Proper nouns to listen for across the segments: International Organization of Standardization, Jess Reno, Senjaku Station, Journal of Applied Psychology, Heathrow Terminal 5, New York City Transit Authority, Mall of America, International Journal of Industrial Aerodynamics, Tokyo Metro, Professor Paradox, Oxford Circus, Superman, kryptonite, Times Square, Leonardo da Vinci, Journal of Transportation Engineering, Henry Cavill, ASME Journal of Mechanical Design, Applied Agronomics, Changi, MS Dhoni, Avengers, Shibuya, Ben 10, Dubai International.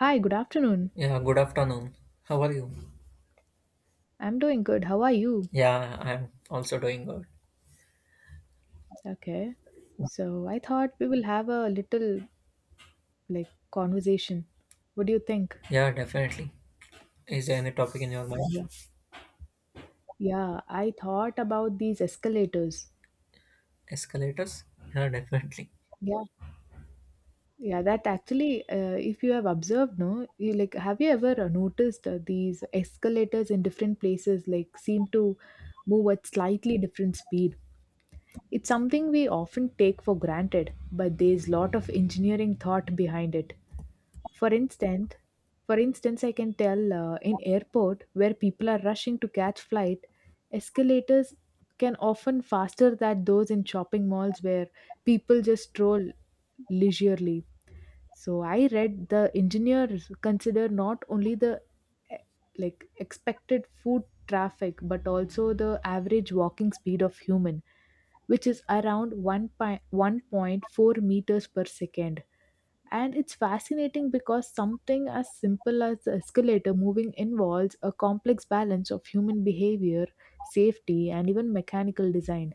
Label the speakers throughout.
Speaker 1: Hi, good afternoon.
Speaker 2: Yeah, good afternoon. How are you?
Speaker 1: I'm doing good. How are you?
Speaker 2: Yeah, I'm also doing good.
Speaker 1: Okay. So I thought we will have a little like conversation. What do you think?
Speaker 2: Yeah, definitely. Is there any topic in your mind?
Speaker 1: Yeah. Yeah, I thought about these escalators.
Speaker 2: Escalators? Yeah, definitely.
Speaker 1: Yeah. Yeah, that actually, if you have observed, no, have you ever noticed these escalators in different places like seem to move at slightly different speed. It's something we often take for granted, but there's lot of engineering thought behind it. For instance, for instance, I can tell in airport where people are rushing to catch flight, escalators can often faster than those in shopping malls where people just stroll leisurely. So I read the engineers consider not only the eh, like expected food traffic but also the average walking speed of human which is around 1.4 meters per second, and it's fascinating because something as simple as the escalator moving involves a complex balance of human behavior, safety, and even mechanical design.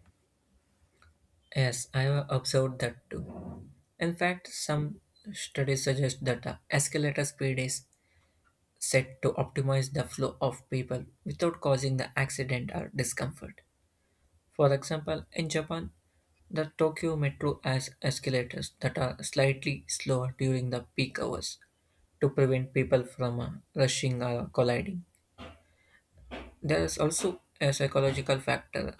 Speaker 2: Yes, I have observed that too. In fact, some studies suggest that the escalator speed is set to optimize the flow of people without causing the accident or discomfort. For example, in Japan, the Tokyo Metro has escalators that are slightly slower during the peak hours to prevent people from rushing or colliding. There is also a psychological factor.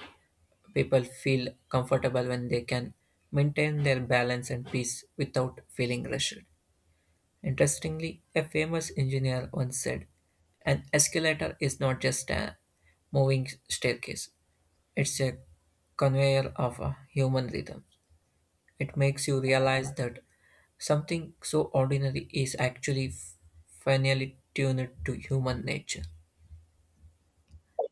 Speaker 2: People feel comfortable when they can maintain their balance and peace without feeling rushed. Interestingly, a famous engineer once said, "An escalator is not just a moving staircase, it's a conveyor of a human rhythm." It makes you realize that something so ordinary is actually finely tuned to human nature.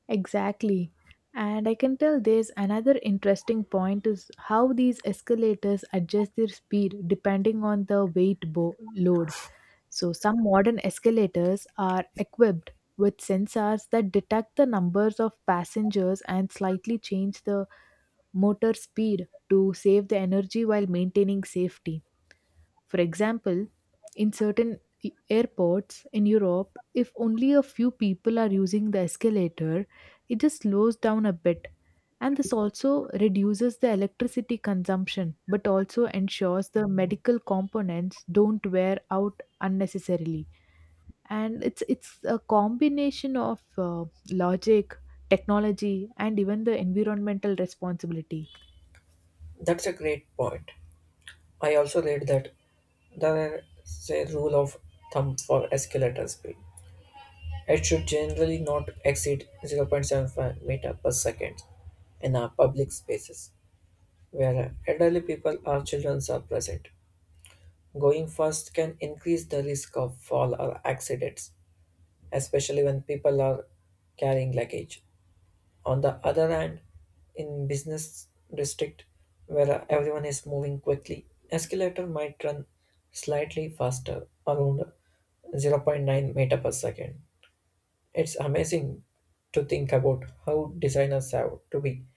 Speaker 1: Exactly. And I can tell there's another interesting point is how these escalators adjust their speed depending on the weight load. So some modern escalators are equipped with sensors that detect the numbers of passengers and slightly change the motor speed to save the energy while maintaining safety. For example, in certain airports in Europe, if only a few people are using the escalator, it just slows down a bit. And this also reduces the electricity consumption, but also ensures the medical components don't wear out unnecessarily. And it's a combination of logic, technology, and even the environmental responsibility.
Speaker 2: That's a great point. I also read that there is a rule of thumb for escalator speed. It should generally not exceed 0.75 meter per second in our public spaces where elderly people or children are present. Going fast can increase the risk of fall or accidents, especially when people are carrying luggage. On the other hand, in business district where everyone is moving quickly, escalator might run slightly faster, around zero point 0.9 meter per second. It's amazing to think about how designers have to be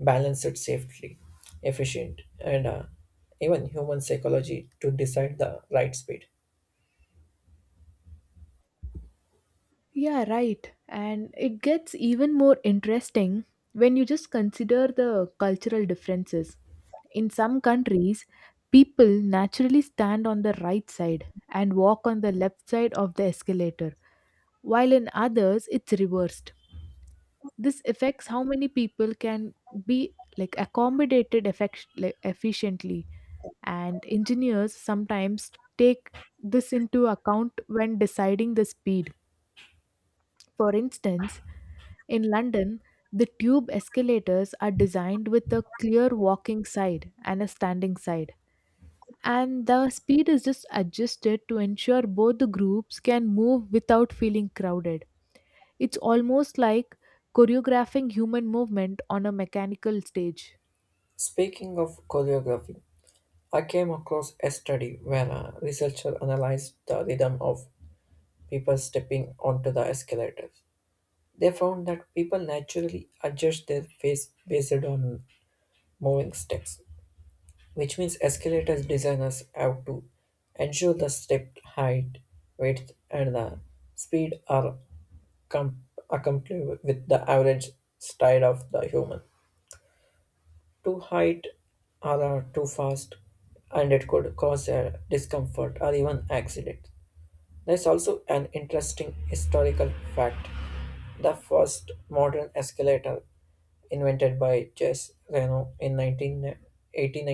Speaker 2: balanced safely, efficient, and even human psychology to decide the right speed.
Speaker 1: Yeah, right. And it gets even more interesting when you just consider the cultural differences. In some countries, people naturally stand on the right side and walk on the left side of the escalator, while in others, it's reversed. This affects how many people can be like accommodated efficiently, and engineers sometimes take this into account when deciding the speed. For instance, in London, the tube escalators are designed with a clear walking side and a standing side, and the speed is just adjusted to ensure both the groups can move without feeling crowded. It's almost like choreographing human movement on a mechanical stage.
Speaker 2: Speaking of choreography, I came across a study where a researcher analyzed the rhythm of people stepping onto the escalators. They found that people naturally adjust their face based on moving steps, which means escalators designers have to ensure the step height, width, and the speed are com- accompanied with the average style of the human. Too height or are too fast, and it could cause a discomfort or even accident. There's also an interesting historical fact. The first modern escalator, invented by Jess Reno in 191891,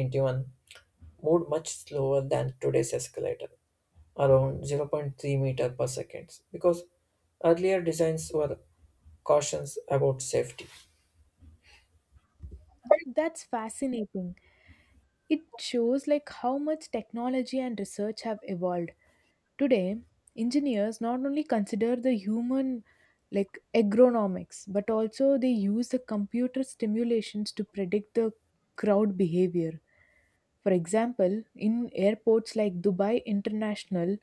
Speaker 2: moved much slower than today's escalator, around zero point 0.3 meter per second, because earlier designs were cautions about safety.
Speaker 1: That's fascinating. It shows like how much technology and research have evolved. Today, engineers not only consider the human like agronomics, but also they use the computer simulations to predict the crowd behavior. For example, in airports like Dubai International,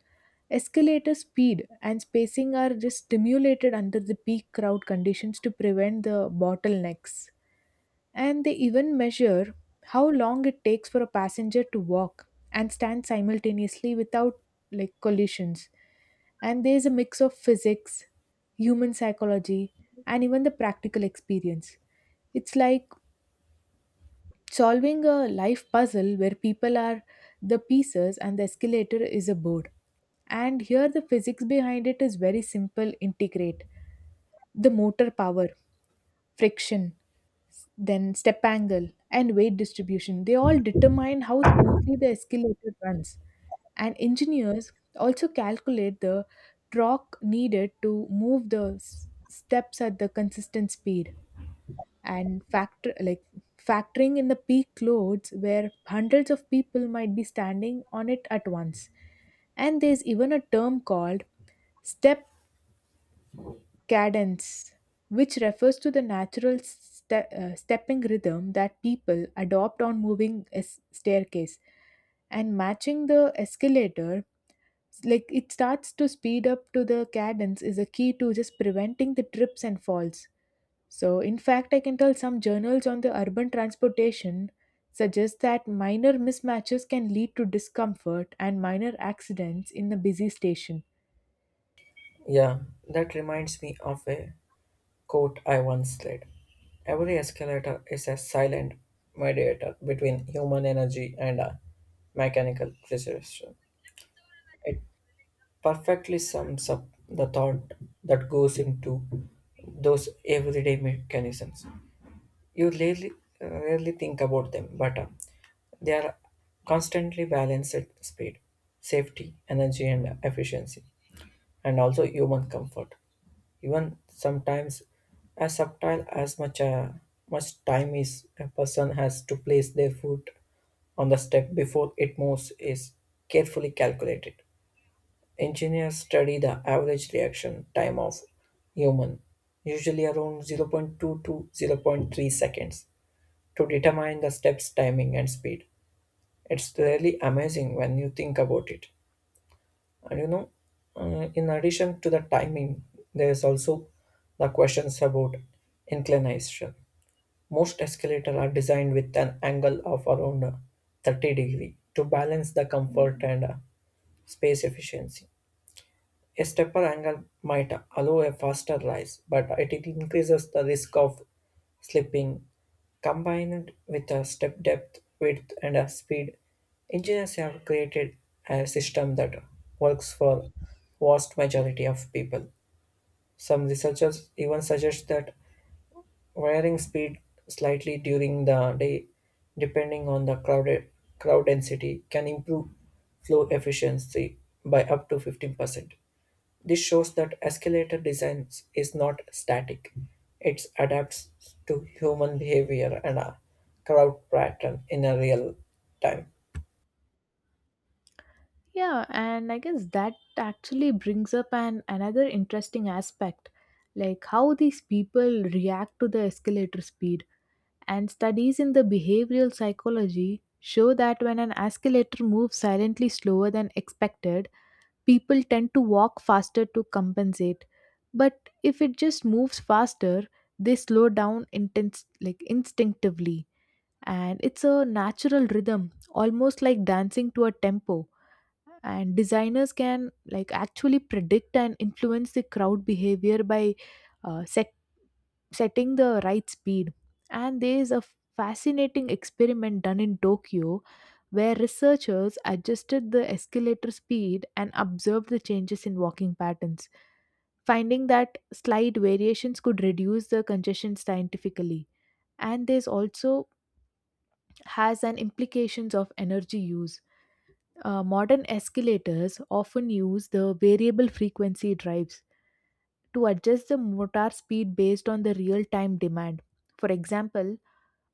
Speaker 1: escalator speed and spacing are just stimulated under the peak crowd conditions to prevent the bottlenecks. And they even measure how long it takes for a passenger to walk and stand simultaneously without like collisions. And there's a mix of physics, human psychology, and even the practical experience. It's like solving a life puzzle where people are the pieces and the escalator is a board. And here, the physics behind it is very simple integrate the motor power friction, then step angle, and weight distribution. They all determine how smoothly the escalator runs. And engineers also calculate the torque needed to move the steps at the consistent speed and factoring in the peak loads where hundreds of people might be standing on it at once, and there's even a term called step Cadence, which refers to the natural stepping rhythm that people adopt on moving a staircase, and matching the escalator, like it starts to speed up to the cadence, is a key to just preventing the trips and falls. So, in fact, I can tell some journals on the urban transportation suggest that minor mismatches can lead to discomfort and minor accidents in a busy station.
Speaker 2: Yeah, that reminds me of a quote I once read. "Every escalator is a silent mediator between human energy and a mechanical precision." It perfectly sums up the thought that goes into those everyday mechanisms. You rarely, rarely think about them, but they are constantly balanced at speed, safety, energy, and efficiency, and also human comfort. Even sometimes, as subtle as much time is a person has to place their foot on the step before it moves is carefully calculated. Engineers study the average reaction time of human, usually around zero point 0.2 to zero point 0.3 seconds, to determine the step's timing and speed. It's really amazing when you think about it. And you know, in addition to the timing, there is also the questions about inclination. Most escalators are designed with an angle of around 30 degree to balance the comfort and space efficiency. A stepper angle might allow a faster rise, but it increases the risk of slipping. Combined with a step depth, width, and a speed, engineers have created a system that works for vast majority of people. Some researchers even suggest that varying speed slightly during the day, depending on the crowd density, can improve flow efficiency by up to 15%. This shows that escalator design is not static. It adapts to human behavior and a crowd pattern in a real time.
Speaker 1: Yeah, and I guess that actually brings up an another interesting aspect, like how these people react to the escalator speed. And studies in the behavioral psychology show that when an escalator moves silently slower than expected, people tend to walk faster to compensate. But if it just moves faster, they slow down intense like instinctively. And it's a natural rhythm, almost like dancing to a tempo, and designers can like actually predict and influence the crowd behavior by uh, set, setting the right speed. And there is a fascinating experiment done in Tokyo where researchers adjusted the escalator speed and observed the changes in walking patterns, finding that slight variations could reduce the congestion scientifically. And this also has an implications of energy use. Modern escalators often use the variable frequency drives to adjust the motor speed based on the real time demand. For example,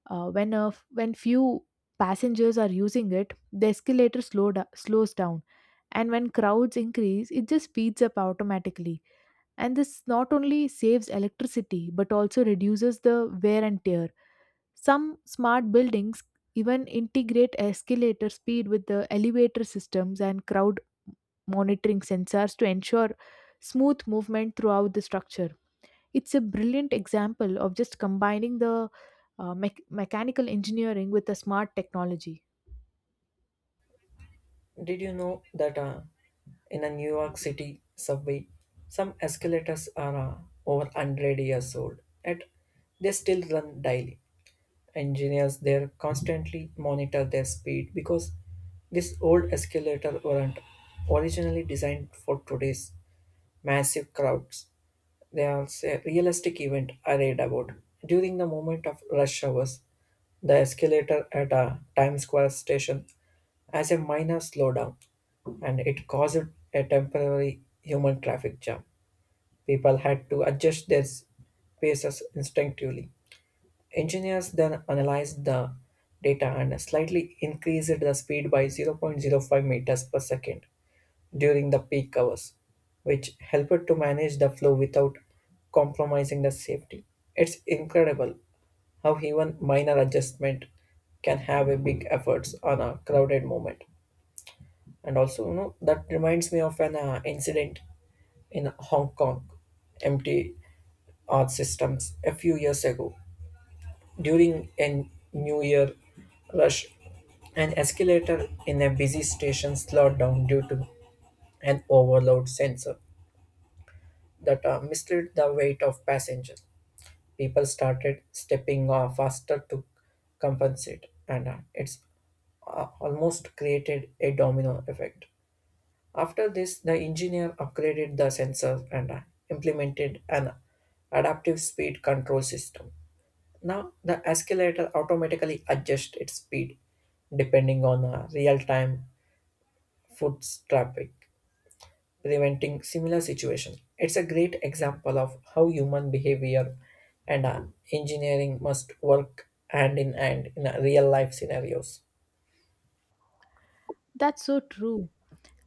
Speaker 1: when few passengers are using it, the escalator slows down. And when crowds increase, it just speeds up automatically. And this not only saves electricity but also reduces the wear and tear. Some smart buildings even integrate escalator speed with the elevator systems and crowd monitoring sensors to ensure smooth movement throughout the structure. It's a brilliant example of just combining the mechanical engineering with the smart technology.
Speaker 2: Did you know that in a New York City subway, some escalators are over 100 years old, yet they still run daily. Engineers there constantly monitor their speed because this old escalator weren't originally designed for today's massive crowds. There's a realistic event I read about. During the moment of rush hours, the escalator at a Times Square station has a minor slowdown and it caused a temporary human traffic jam. People had to adjust their paces instinctively. Engineers then analyzed the data and slightly increased the speed by zero point zero 0.05 meters per second during the peak hours, which helped to manage the flow without compromising the safety. It's incredible how even minor adjustment can have a big efforts on a crowded moment. And also, you know, that reminds me of an incident in Hong Kong, empty art systems a few years ago. During a New Year rush, an escalator in a busy station slowed down due to an overload sensor that misread the weight of passengers. People started stepping faster to compensate, and it's almost created a domino effect. After this, the engineer upgraded the sensors and implemented an adaptive speed control system. Now, the escalator automatically adjusts its speed depending on real time foot traffic, preventing similar situation. It's a great example of how human behavior and engineering must work hand in hand in real life scenarios.
Speaker 1: That's so true.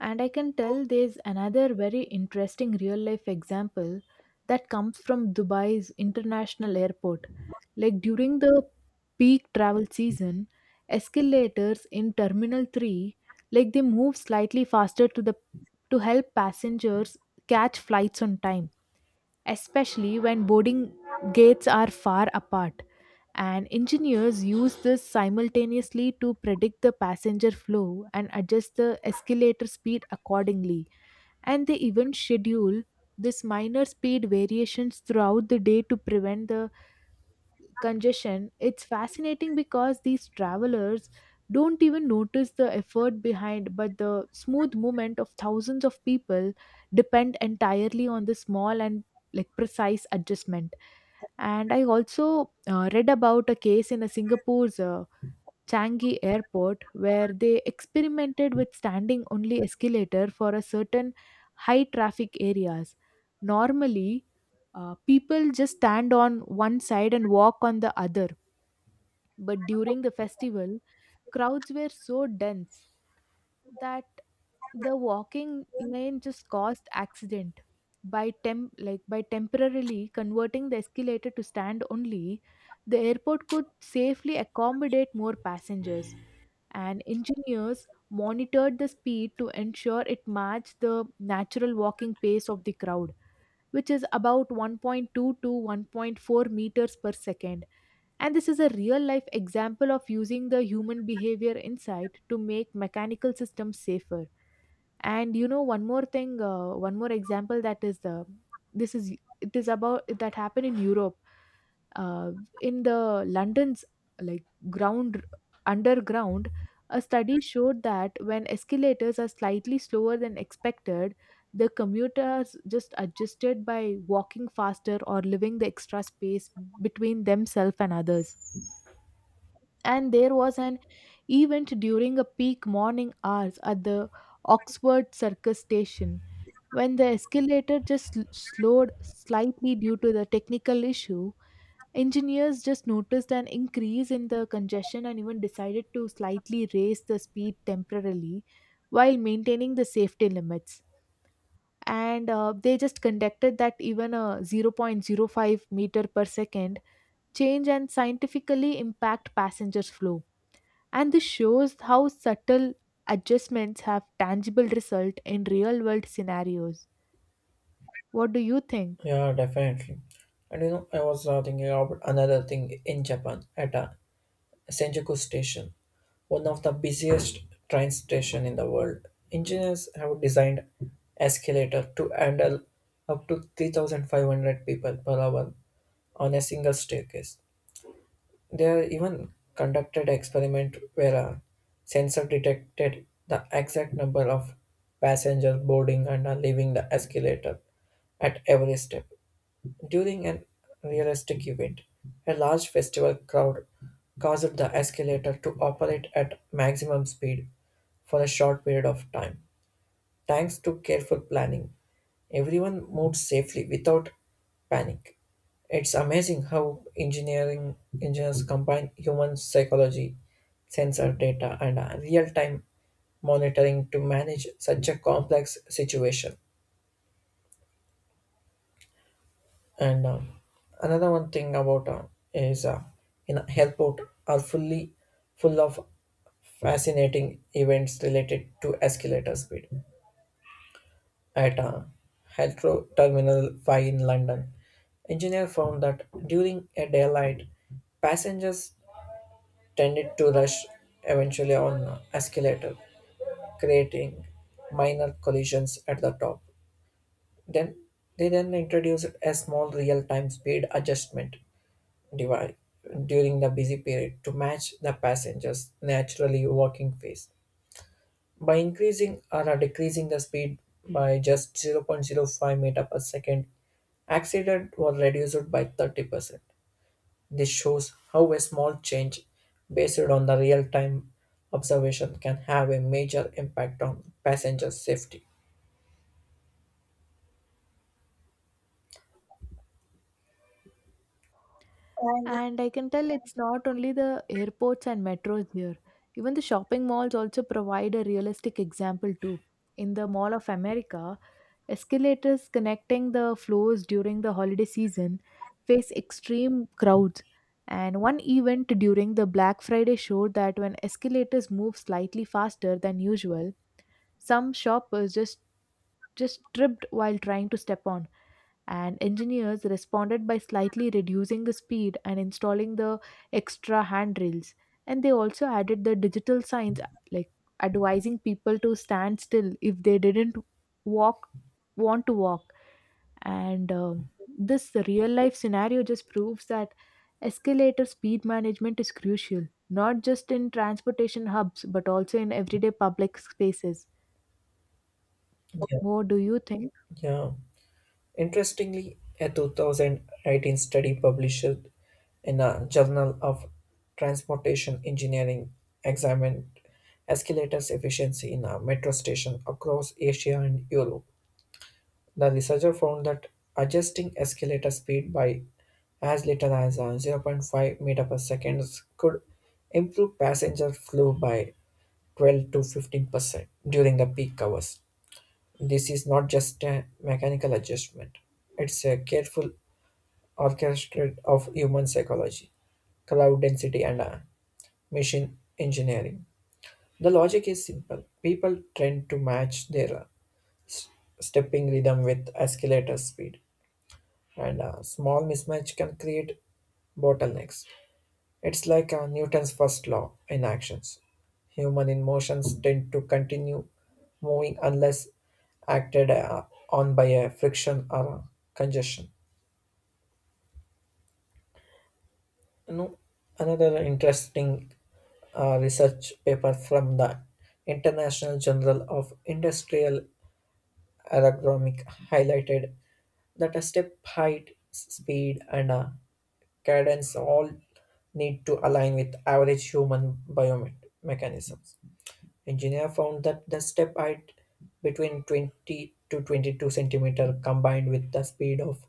Speaker 1: And I can tell there's another very interesting real life example that comes from Dubai's international airport. Like during the peak travel season, escalators in Terminal 3 like they move slightly faster to help passengers catch flights on time, especially when boarding gates are far apart, and engineers use this simultaneously to predict the passenger flow and adjust the escalator speed accordingly. And they even schedule this minor speed variations throughout the day to prevent the congestion. It's fascinating because these travelers don't even notice the effort behind but the smooth movement of thousands of people depend entirely on the small and like precise adjustment. And I also read about a case in a Singapore's Changi airport where they experimented with standing only escalator for a certain high traffic areas. Normally, people just stand on one side and walk on the other, but during the festival, crowds were so dense that the walking lane just caused accident, by temp like by temporarily converting the escalator to stand only, the airport could safely accommodate more passengers. And engineers monitored the speed to ensure it matched the natural walking pace of the crowd, which is about 1.2 to 1.4 meters per second. And this is a real life example of using the human behavior insight to make mechanical systems safer. And you know, one more thing, one more example, that is, this is, it is about that happened in Europe, uh, in the London's like ground underground. A study showed that when escalators are slightly slower than expected, the commuters just adjusted by walking faster or leaving the extra space between themselves and others. And there was an event during a peak morning hours at the Oxford Circus station when the escalator just slowed slightly due to the technical issue. Engineers just noticed an increase in the congestion and even decided to slightly raise the speed temporarily while maintaining the safety limits. And they just conducted that even a zero point zero 0.05 meter per second change and scientifically impact passengers flow. And this shows how subtle adjustments have tangible result in real world scenarios. What do you think?
Speaker 2: Yeah, definitely. And you know, I was thinking about another thing in Japan at Senjaku Station, one of the busiest train station in the world. Engineers have designed escalator to handle up to 3,500 people per hour on a single staircase. They are even conducted experiment where a sensor detected the exact number of passengers boarding and are leaving the escalator at every step. During an realistic event, a large festival crowd caused the escalator to operate at maximum speed for a short period of time, thanks to careful planning. Everyone moved safely without panic. It's amazing how engineering engineers combine human psychology, sensor data, and real time monitoring to manage such a complex situation. And another one thing about is in helport are full of fascinating events related to escalator speed. At a Heathrow Terminal 5 in London, engineers found that during a daylight, passengers tended to rush eventually on escalator, creating minor collisions at the top. Then they then introduced a small real-time speed adjustment device during the busy period to match the passengers' naturally walking pace. By increasing or decreasing the speed by just zero point zero 0.05 meter per second, accident was reduced by 30%. This shows how a small change based on the real-time observation can have a major impact on passenger safety.
Speaker 1: And I can tell it's not only the airports and metros here, even the shopping malls also provide a realistic example too. In the Mall of America, escalators connecting the floors during the holiday season face extreme crowds. And one event during the Black Friday showed that when escalators move slightly faster than usual, some shoppers just tripped while trying to step on, and engineers responded by slightly reducing the speed and installing the extra handrails. And they also added the digital signs like advising people to stand still if they didn't walk want to walk. And this real life scenario just proves that escalator speed management is crucial, not just in transportation hubs, but also in everyday public spaces.
Speaker 2: Yeah.
Speaker 1: What do you think?
Speaker 2: Yeah. Interestingly, a 2018 study published in a Journal of Transportation Engineering examined escalators efficiency in a metro station across Asia and Europe. The researcher found that adjusting escalator speed by as little as zero point 0.5 meter per second could improve passenger flow by 12 to 15% during the peak hours. This is not just a mechanical adjustment; it's a careful orchestra of human psychology, cloud density, and machine engineering. The logic is simple. People tend to match their s- stepping rhythm with escalator speed, and a small mismatch can create bottlenecks. It's like Newton's first law in actions. Human emotions tend to continue moving unless acted on by a friction or a congestion. You know, another interesting research paper from the International Journal of Industrial Aerodynamics highlighted that a step height, speed, and cadence all need to align with average human biomechanisms. Engineer found that the step height between 20 to 22 centimeter combined with the speed of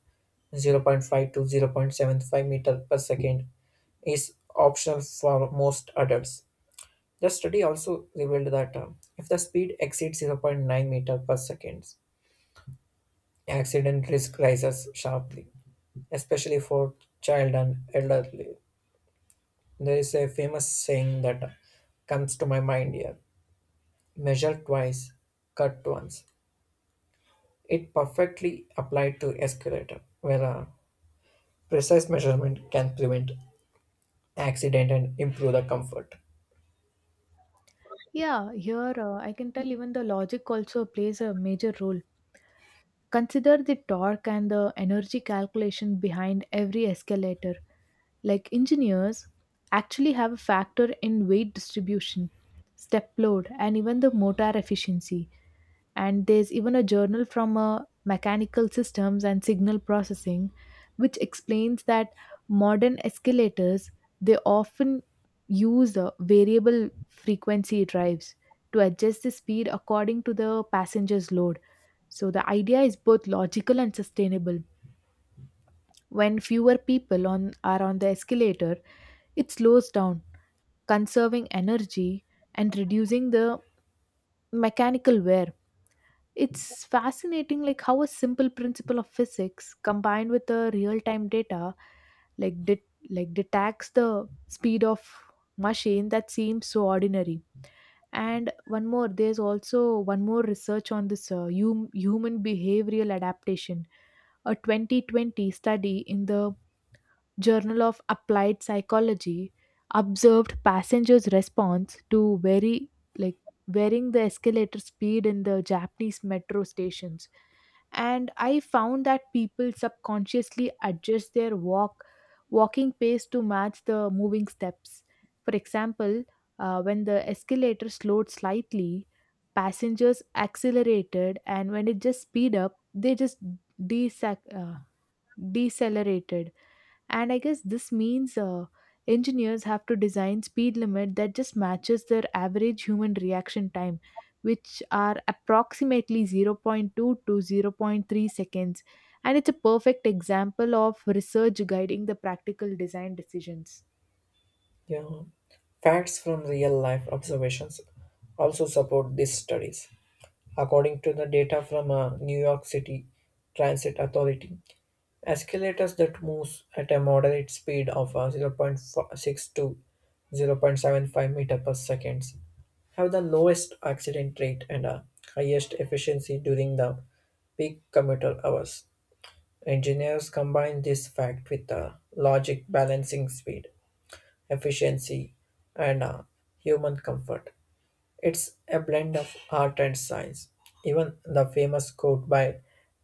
Speaker 2: zero point 0.5 to 0.75 meter per second is optional for most adults. The study also revealed that if the speed exceeds zero point 0.9 meter per second, accident risk rises sharply, especially for child and elderly. There is a famous saying that comes to my mind here: measure twice, cut once. It perfectly applied to escalator, where a precise measurement can prevent accident and improve the comfort.
Speaker 1: Yeah, here I can tell even the logic also plays a major role. Consider the torque and the energy calculation behind every escalator. Like engineers actually have a factor in weight distribution, step load, and even the motor efficiency. And there's even a journal from mechanical systems and signal processing which explains that modern escalators they often use variable frequency drives to adjust the speed according to the passenger's load. So the idea is both logical and sustainable. When fewer people on are on the escalator, it slows down, conserving energy and reducing the mechanical wear. It's fascinating like how a simple principle of physics combined with the real-time data like detects the speed of machine that seems so ordinary. And one more, there's also one more research on this human behavioral adaptation. A 2020 study in the Journal of Applied Psychology observed passengers' response to very like varying the escalator speed in the Japanese metro stations. And I found that people subconsciously adjust their walking pace to match the moving steps. For example, when the escalator slowed slightly, passengers accelerated, and when it just speed up, they just desac- uh, decelerated. And I guess this means engineers have to design speed limit that just matches their average human reaction time, which are approximately zero point 0.2 to zero point 0.3 seconds. And it's a perfect example of research guiding the practical design decisions.
Speaker 2: Yeah. Facts from real life observations also support these studies. According to the data from a New York City Transit Authority, escalators that move at a moderate speed of zero point 0.6 to 0.75 meter per second have the lowest accident rate and highest efficiency during the peak commuter hours. Engineers combine this fact with the logic balancing speed, efficiency, and human comfort. It's a blend of art and science. Even the famous quote by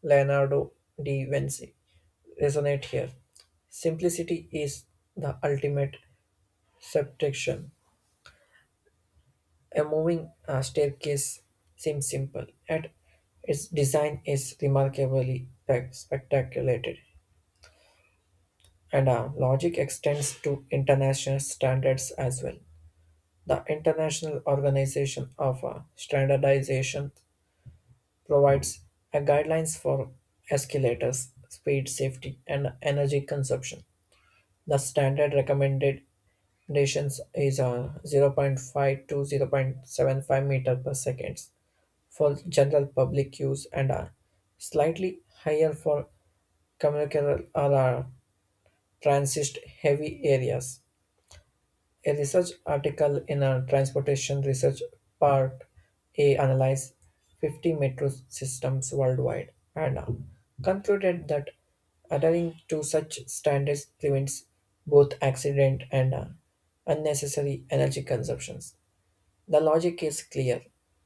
Speaker 2: Leonardo da Vinci resonate here. Simplicity is the ultimate subtraction. A moving staircase seems simple, yet its design is remarkably spectaculated. And logic extends to international standards as well. The International Organization of Standardization provides a guidelines for escalators, speed, safety, and energy consumption. The standard recommended distance is a 0.5 to 0.75 meter per seconds for general public use and are slightly higher for commercial or transit heavy areas. A research article in a transportation research part A analyzed 50 metro systems worldwide and concluded that adhering to such standards prevents both accident and unnecessary energy consumptions. The logic is clear.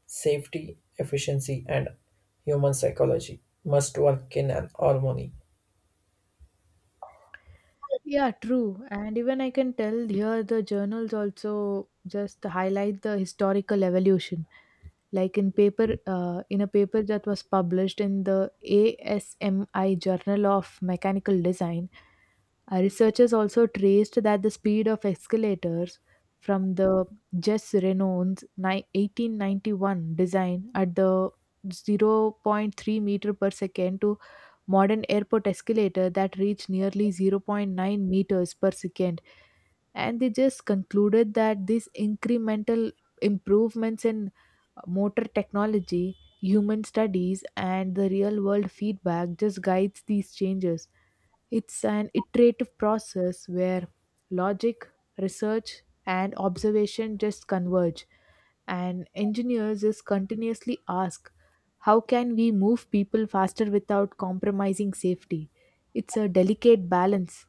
Speaker 2: Safety, efficiency, and human psychology must work in an harmony.
Speaker 1: Yeah, true. And even I can tell here the journals also just highlight the historical evolution. Like in paper, in a paper that was published in the ASMI Journal of Mechanical Design, researchers also traced that the speed of escalators from the Jess Renault's 1891 design at the zero point 0.3 meter per second to modern airport escalator that reached nearly zero point 0.9 meters per second. And they just concluded that these incremental improvements in motor technology, human studies, and the real world feedback just guides these changes. It's an iterative process where logic, research, and observation just converge. And engineers just continuously ask, how can we move people faster without compromising safety? It's a delicate balance.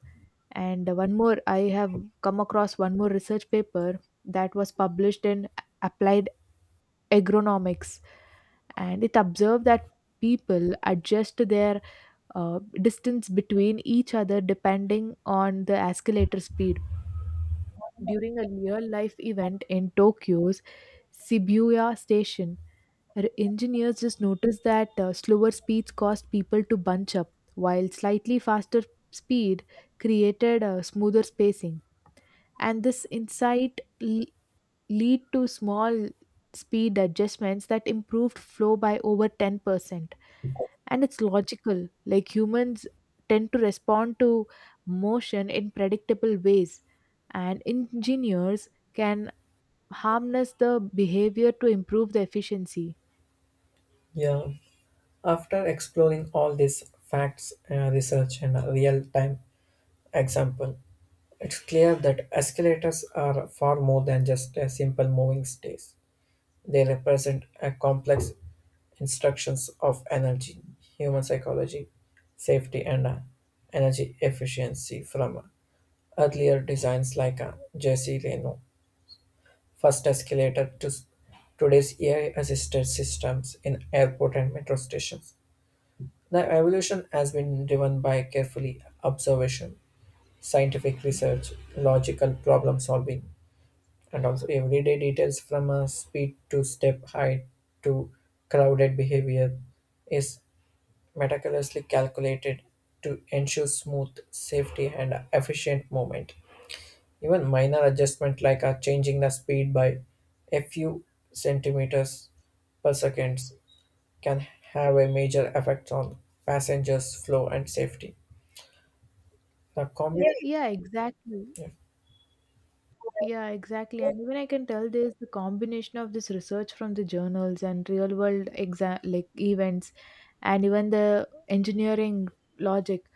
Speaker 1: And one more, I have come across one more research paper that was published in Applied Agronomics, and it observed that people adjust their distance between each other depending on the escalator speed. During a real life event in Tokyo's Shibuya station, engineers just noticed that slower speeds caused people to bunch up, while slightly faster speed created a smoother spacing. And this insight lead to small speed adjustments that improved flow by over 10%. And it's logical, like humans tend to respond to motion in predictable ways, and engineers can harness the behavior to improve the efficiency.
Speaker 2: Yeah. After exploring all these facts, research, and real time example, it's clear that escalators are far more than just a simple moving stairs. They represent a complex instructions of energy, human psychology, safety, and energy efficiency from earlier designs like Jesse Reno first escalator to today's AI-assisted systems in airport and metro stations. The evolution has been driven by carefully observation, scientific research, logical problem solving, and also everyday details from a speed to step height to crowded behavior is meticulously calculated to ensure smooth safety and efficient movement. Even minor adjustment like a changing the speed by a few centimeters per second can have a major effect on passengers flow and safety. Really?
Speaker 1: Yeah, exactly.
Speaker 2: Yeah,
Speaker 1: Yeah, exactly. And even I can tell there's the combination of this research from the journals and real world exam like events, and even the engineering logic.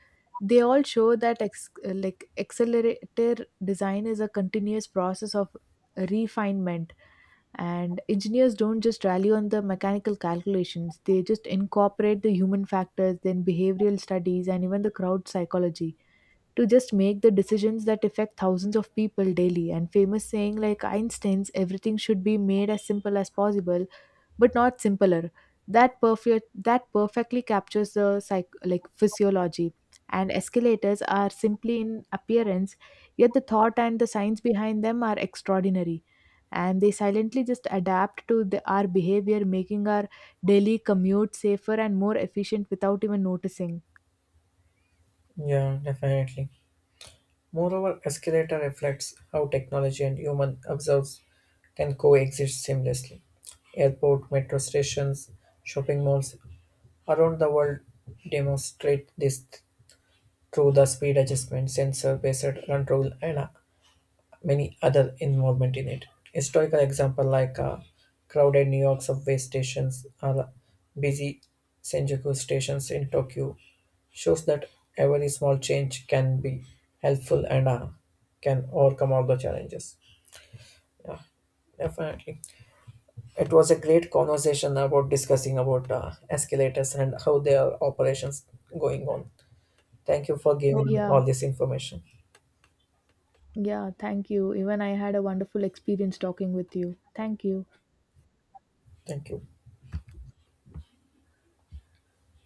Speaker 1: They all show that like accelerator design is a continuous process of refinement. And engineers don't just rally on the mechanical calculations. They just incorporate the human factors, then behavioral studies, and even the crowd psychology to just make the decisions that affect thousands of people daily. And famous saying like Einstein's, everything should be made as simple as possible, but not simpler, that perfectly captures the psych like physiology. And escalators are simply in appearance, yet the thought and the science behind them are extraordinary. And they silently just adapt to our behavior, making our daily commute safer and more efficient without even noticing.
Speaker 2: yeah, definitely. Moreover, escalator reflects how technology and human observes can coexist seamlessly. Airport, metro stations, shopping malls around the world demonstrate this through the speed adjustment, sensor based control, and many other involvement in it. Historical example like crowded New York subway stations or busy Senjuku stations in Tokyo shows that every small change can be helpful and can overcome all the challenges. Yeah, definitely. It was a great conversation about discussing about escalators and how their operations going on. Thank you for, oh, giving
Speaker 1: Yeah.
Speaker 2: all this information.
Speaker 1: Yeah, thank you. Even I had a wonderful experience talking with you. Thank you.
Speaker 2: Thank you.